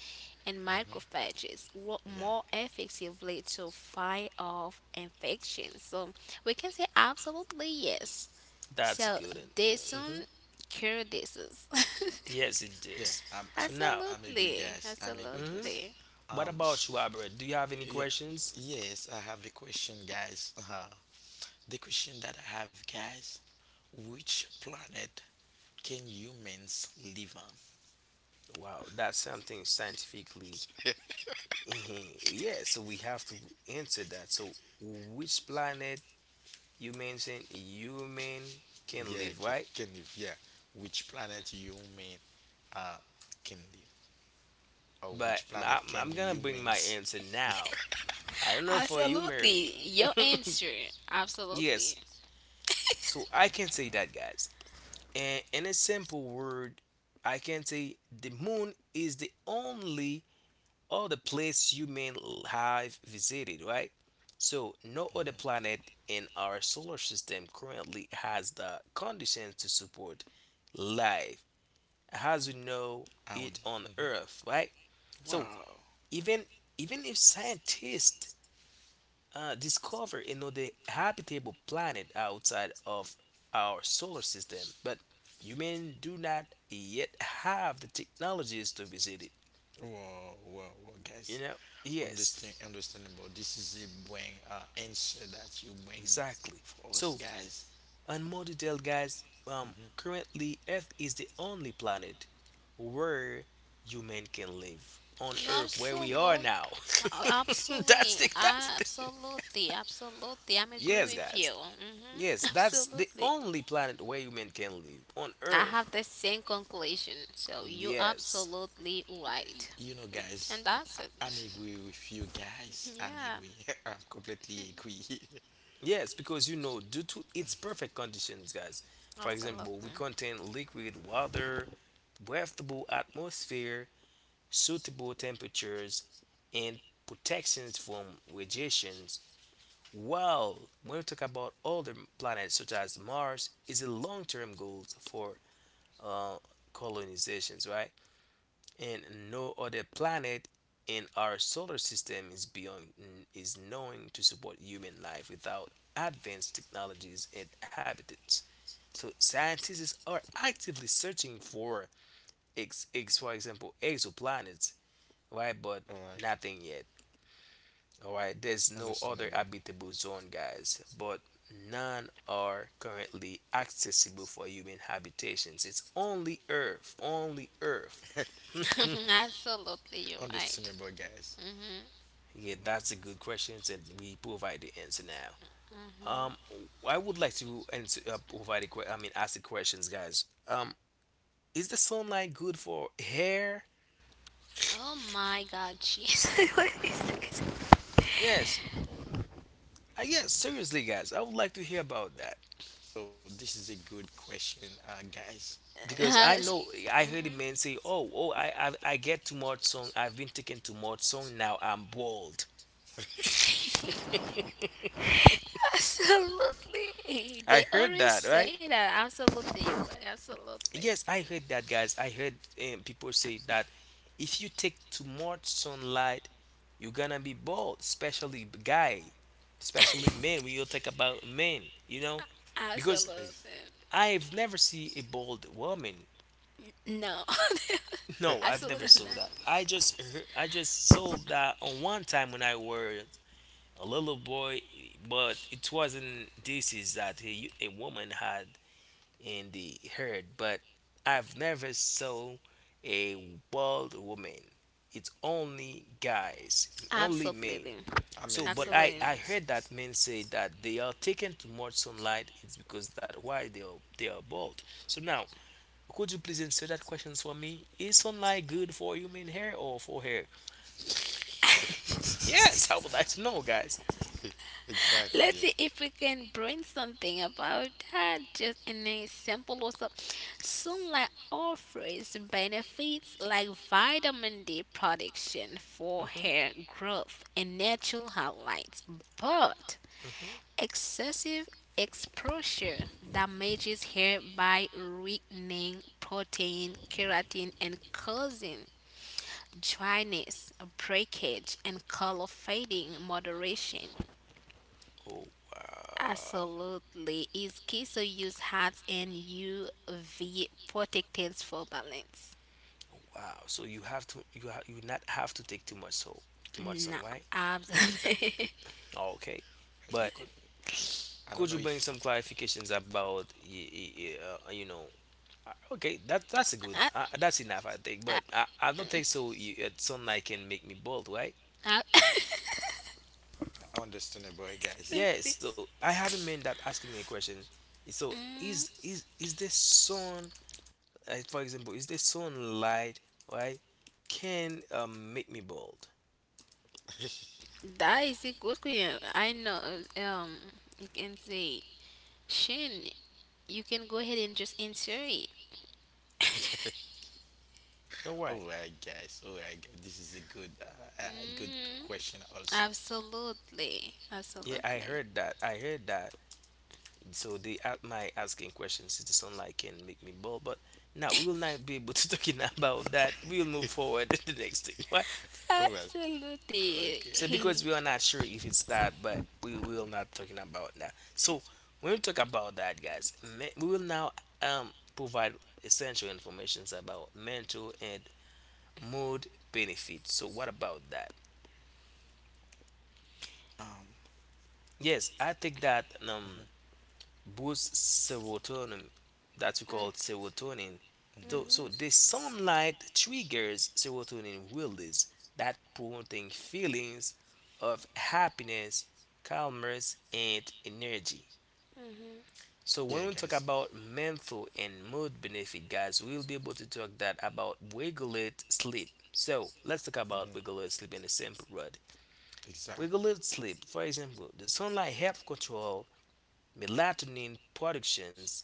and Hmm. macrophages work Yeah. more effectively to fight off infections. So, we can say absolutely yes. that's So, good answer. this Hmm. one cure diseases. [LAUGHS] Yes, it Yeah. is. I'm, I'm, So I'm, now, I'm agree, Absolutely, guys. I'm agree, mhm. guys. absolutely. What Um. about you, sh- Albert? Do you have any Yeah. questions? Yes, I have a question, guys. The question that I have, guys. Which planet can humans live on? Wow, that's something scientifically. Mhm. Yeah, so we have to answer that. So, which planet you mentioned human can Yeah, live, can, right? can live. Yeah. Which planet human uh can live? Or But which planet I'm can gonna bring my humans answer now. I don't know for you, Mary. Absolutely. Your answer. [LAUGHS] Absolutely. Yes, so I can say that, guys. And in a simple word, I can say the moon is the only all the place you have visited, right? So no other planet in our solar system currently has the conditions to support life as we know on? it on Hmm. Earth, right? So Wow. even even if scientists discover another habitable planet outside of our solar system, but humans do not yet have the technologies to visit it. Wow, wow, wow, You guys, know? Yes, understandable. This is a bring answer that you bring exactly. for us, So guys. and more detail, guys, Hmm. currently Earth is the only planet where human can live on You Earth, where we are absolutely, now. [LAUGHS] That's absolutely, the that's the absolutely, absolutely. I'm agree yes, with guys. you. Hmm. [LAUGHS] Yes, that's the Absolutely. only planet where human can live on I Earth. have the same conclusion. So you Yes. absolutely right. You know, Y- guys, And that's I'm it. agree with you, guys. [LAUGHS] I'm Yeah. agree. [LAUGHS] I'm completely agree. Yes, because you know, due to its perfect conditions, guys. For example, Absolutely. we contain liquid water, breathable atmosphere, suitable temperatures, and protections from radiations. While when we talk about other planets such as Mars, is a long-term goal for uh, colonizations, right? And no other planet in our solar system is beyond is known to support human life without advanced technologies and habitats. So scientists are actively searching for ex, ex for example exoplanets, right? But [LAUGHS] All right, nothing yet. All right, there's no other understandable, habitable zone, guys, but none are currently accessible for human habitations. It's only Earth, only Earth. [LAUGHS] Absolutely, you're right. understandable, guys. Hmm. Yeah, that's a good question, and we provide the answer now. Um, Hmm. I would like to answer, provide a I mean, ask the questions, guys. Is the sunlight good for hair? Oh my God, Jesus. [LAUGHS] What is this? Yes, I yes, seriously, guys, I would like to hear about that. So this is a good question, guys, about Because I Has- know I heard a mhm. man say, "Oh, oh, I get too much song. I've been taking too much song. Now I'm bald." [LAUGHS] Absolutely. They I heard always that, right? say that. Absolutely. Absolutely. Yes, I heard that, guys. I heard people say that if you take too much sunlight, you're gonna be bald, especially guy, especially men. We all talk about men, you know, because that. Absolutely. I've never seen a bald woman. No. [LAUGHS] [LAUGHS] No, I've never Absolutely saw not. that. I just heard, I just saw that on one time when I were a little boy, but it wasn't disease that a woman had in the herd. But I've never saw a bald woman. It's only guys, only men. Absolutely. I may So, agree but with I you Absolutely. on I this heard case. that men say that they are taken too much sunlight. It's because that why they are bald. So now, could you please answer that question for me? Is sunlight good for human hair or for hair? [LAUGHS] Yes, I would like to know, guys. Exactly. Let's Yeah. see if we can bring something about that. Just an example or something. Sunlight offers benefits like vitamin D production for Hmm. hair growth and natural highlights, but Hmm. excessive exposure damages hair by weakening protein, keratin, and causing dryness, breakage, and color fading. Moderation Oh wow. absolutely is key. So use hats and UV protectants for balance. Oh, wow. So you have to you you not have to take too much so too much No, sun, right? absolutely. [LAUGHS] Oh, okay. You But can. I don't could know you bring if some clarifications about you know? Uh, okay, that that's a good. Ah, That's enough, I think. ah, But I don't think so. You, sunlight can make me bald, right? ah, [LAUGHS] I understand about it, boy, guys. Yeah. absolutely. So I have a man that asking me a question. So is Mm, is is the sun, for example, is the sunlight, right, can make me bald? that is a good question. I know. Um, you can say Shin, you can go ahead and just answer it. [LAUGHS] All right. All right, guys. All right, guys. This is a good Mm, question also. Absolutely. Yeah, I Absolutely. heard that. I heard that. So they at my asking questions is the sunlight can make me bald, but now we will not be able to [LAUGHS] talking about that. We will move forward [LAUGHS] to the next thing. Why? All right. Absolutely. So Okay. because [LAUGHS] we are not sure if it's that, but we will not talking about that. So when we talk about that, guys, we will now provide essential informations about mental and mood benefits. So what about that? Um. Yes, I think that boosts serotonin that we call serotonin. So the sunlight triggers serotonin release that promoting feelings of happiness, calmness and energy. So when Yeah, we talk guys. about mental and mood benefit guys, we'll be able to talk that about regulate sleep. So let's talk Mhm. about regulate sleep in a simple word. Exactly. Regulate sleep, for example, the sunlight helps control melatonin productions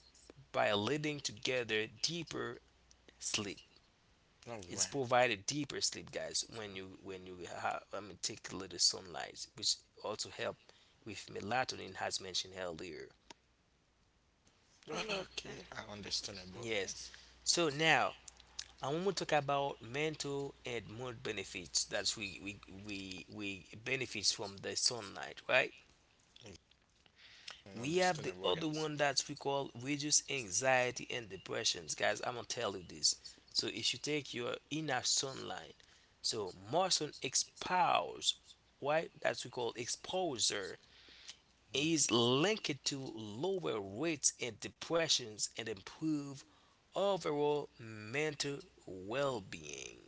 by leading together deeper sleep. All right. It's provided deeper sleep, guys, when you have, I mean, take a little sunlight, which also help with melatonin, as mentioned earlier. Absolutely. Okay, I understand about Yes. guys. So now I want to talk about mental and mood benefits that we benefits from the sunlight, right? I We have understand the about other guys. one that we call reduce anxiety and depressions. Guys, I'm gonna tell you this. So if you take your inner sunlight, so more sun expose, why that we call exposure is linked to lower rates and depressions and improve overall mental well-being.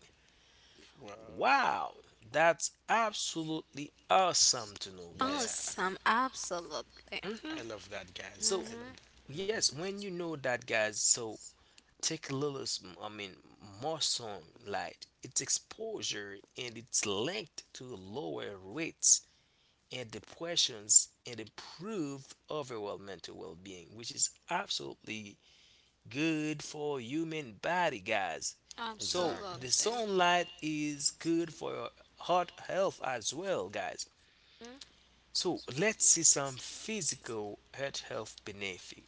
Well, Wow, that's absolutely awesome to know, guys. yeah, Awesome. Absolutely. hmm I love that, guys. So I Mm-hmm. love that. Mm. yes, when you know that, guys, so take a little, I mean, more sunlight. Its exposure and its linked to lower rates and depressions and improve overall mental well-being, which is absolutely good for human body, guys. So Exactly. the Absolutely. sunlight is good for your heart health as well, guys. Mhm. So let's see some physical heart health benefit.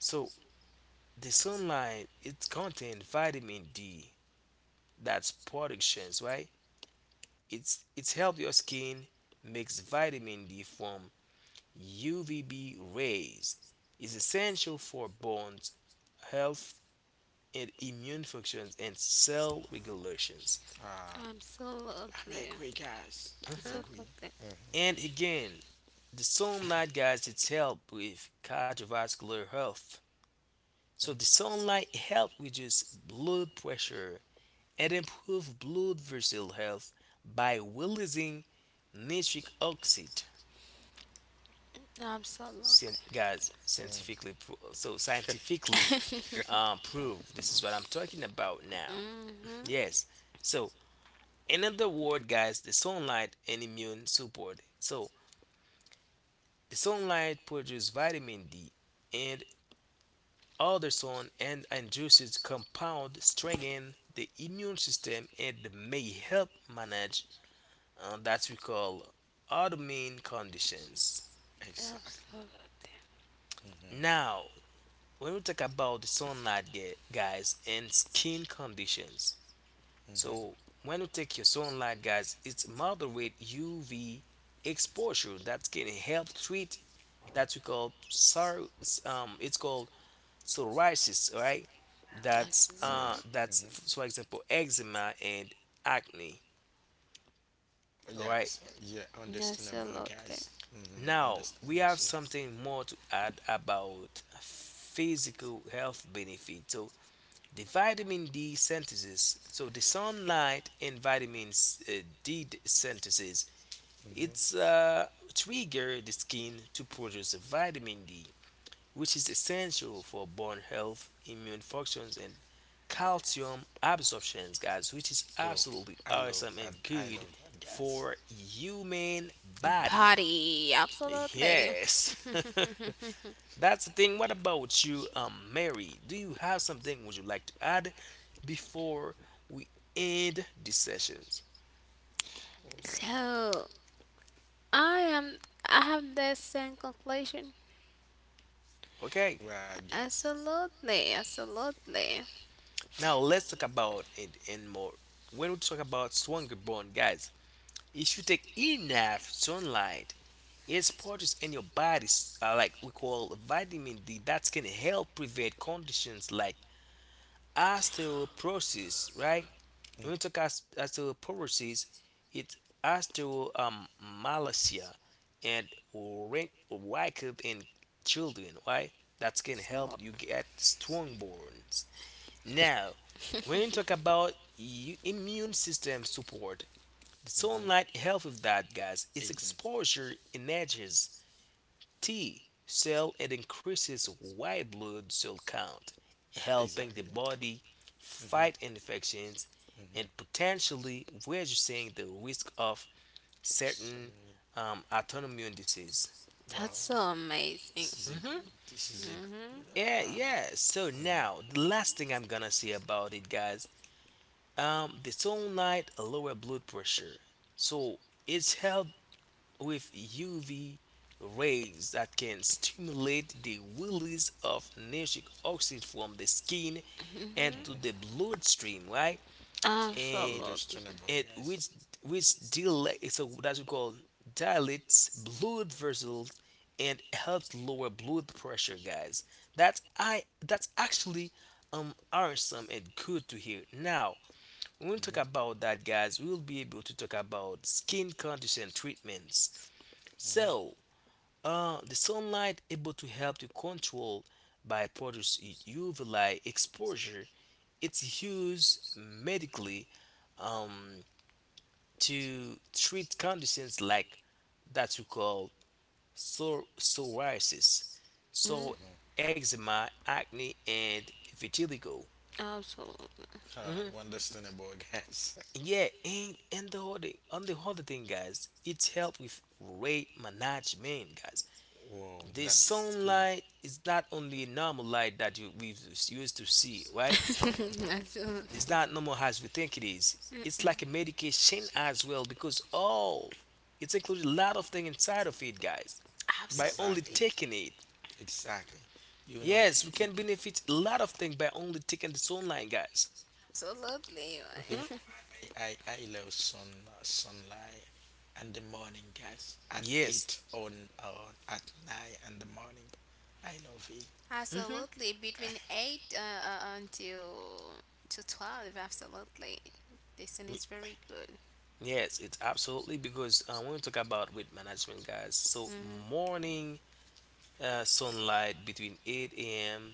So the sunlight it contains vitamin D, that's productions, right? It's help your skin makes vitamin D from UVB rays. Is essential for bones health and immune functions and cell regulations. Ah, I'm Absolutely. agree, guys. I'm Mhm. agree. Absolutely. And again, the sunlight guys it's help with cardiovascular health. So the sunlight help reduce blood pressure and improve blood vessel health by releasing nitric oxide scien- Absolutely. guys Mm. scientifically pro- so scientifically [LAUGHS] proved. This is what I'm talking about now. Mm-hmm. Yes. So in other word guys, the sunlight and immune support. So the sunlight produces vitamin D and other sun and juices compound strengthen the immune system and may help manage that we call autoimmune conditions. Exactly. Absolutely. Mm-hmm. Now when we talk about the sunlight guys and skin conditions, Uh hmm so when you take your sunlight guys, it's moderate UV exposure that can help treat that we call it's called psoriasis, right? That's Absolutely. Yes. Mm-hmm. that's for example eczema and acne, all right. Yes. Yeah. Understandable, Absolutely. guys. Mm-hmm. Now we Understandable. have So. something more to add about physical health benefit. So the vitamin D synthesis. So the sunlight and vitamin synthesis. Mm-hmm. It's trigger the skin to produce vitamin D, which is essential for bone health, immune functions, and calcium absorptions, guys, which is Bro, absolutely I love awesome that. and I good love that, guys. for human Hmm. body. Body. Absolutely. Yes. [LAUGHS] That's the thing. What about you, Mary? Do you have something would you like to add before we end the sessions? All [LAUGHS] right. So, I am. I have the same conclusion. Okay. Right, guys. Absolutely, absolutely, Now let's talk about it and more. When we talk about stronger bone, guys, if you take enough sunlight, it's produced in your body, like we call vitamin D, that can help prevent conditions like osteoporosis, right? hmm When we talk as to policies, it's as to Malaysia and rank wicked in children, right? That can help you absolutely. get strong bones. Now, when you talk about immune system support, like. sunlight help with that, guys. It's hmm exposure energies T cell, it increases white blood cell count, helping the Exactly. body fight Hmm. infections and Hmm. potentially reducing the risk of So, certain autoimmune disease. [LAUGHS] wow, That's so amazing. this is a Hmm. good. This is a good. Hmm. Yeah, yeah. So hmm now the last thing I'm gonna say about it, guys, the sunlight lower blood pressure. So it's help with UV rays that can stimulate the release of nitric oxide from the skin and Hmm. to the hmm bloodstream, right? And Absolutely. Understandable, it guys. which dilate, so that's what we call dilates blood vessels and helps lower blood pressure, guys. That's I that's actually awesome and good to hear. Now, when we talk Mhm. about that, guys, we'll be able to talk about skin condition treatments. Mhm. So, the sunlight able to help to control by producing UV light exposure. It's used medically um, to treat conditions like that we call psoriasis, Mhm. so Mhm. eczema, acne, and vitiligo. Absolutely. All right, Hmm. well, understandable, guys. [LAUGHS] Yeah, and the other on the other thing, guys, it's help with weight management, guys. Whoa, The that's good. sunlight is not only normal light that you we used to see, [LAUGHS] right? [LAUGHS] Mhm. It's Absolutely. not normal as we think it is. It's like a medication as well because all it's included a lot of things inside of it, guys. By only Exactly, Absolutely. taking it, exactly. You know, yes, we you, can benefit a lot of things by only taking the sunlight, guys. Absolutely. you Right. Hmm. know, I love sunlight and the morning, guys. At Yes. eight on or at nine in the morning, I love it. [LAUGHS] Hmm. Absolutely. Between [LAUGHS] 8 until to 12, absolutely. This one is very good. Yes, it's absolutely because when we talk about weight management, guys, so Hmm. morning sunlight between 8 a.m.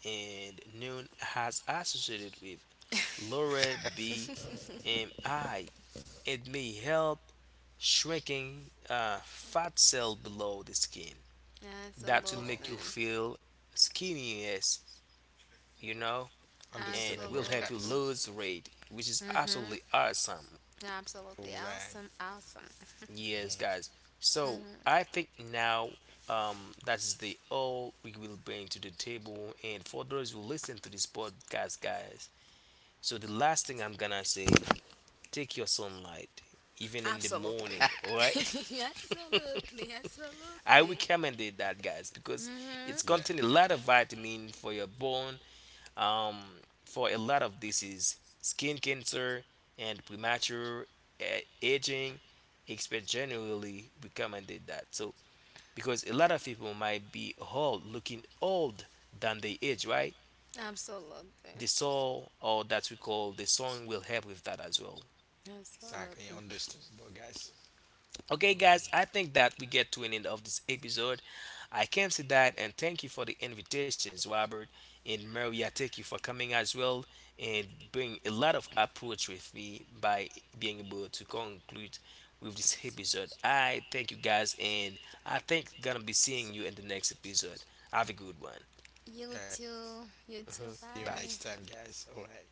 and noon has associated with lower BMI. It may help shrinking fat cell below the skin. That will Wow. make you Absolutely. feel skinniness, you know, and Understandable, will help you guys. Absolutely. lose weight, which is Hmm. absolutely awesome. Absolutely Alright. awesome, awesome. Yes, Mhm. guys. So I think now that is the all we will bring to the table. And for those who listen to this podcast, guys, so the last thing I'm gonna say, take your sunlight, even in the Absolutely. morning. All [LAUGHS] right, Absolutely, [LAUGHS] I absolutely. recommended that, guys, Mm because it's [LAUGHS] hmm. Yeah. contain a lot of vitamin for your bone, um, for a lot of disease, skin cancer, and premature uh, aging expert generally recommended that. So because a lot of people might be old, looking old than they age, right? Absolutely. The soul, or that we call the song, will help with that as well. Exactly. Absolutely. Understandable, guys. Okay, Wow. guys, I think that we get to an end of this episode. I can see that, and thank you for the invitations, Robert and Maria. Thank you for coming as well and bring a lot of approach with me by being able to conclude with this episode. I thank you guys, and I think gonna be seeing you in the next episode. Have a good one. You Yeah. too. You too. See you Bye. next Bye. time, guys. Alright.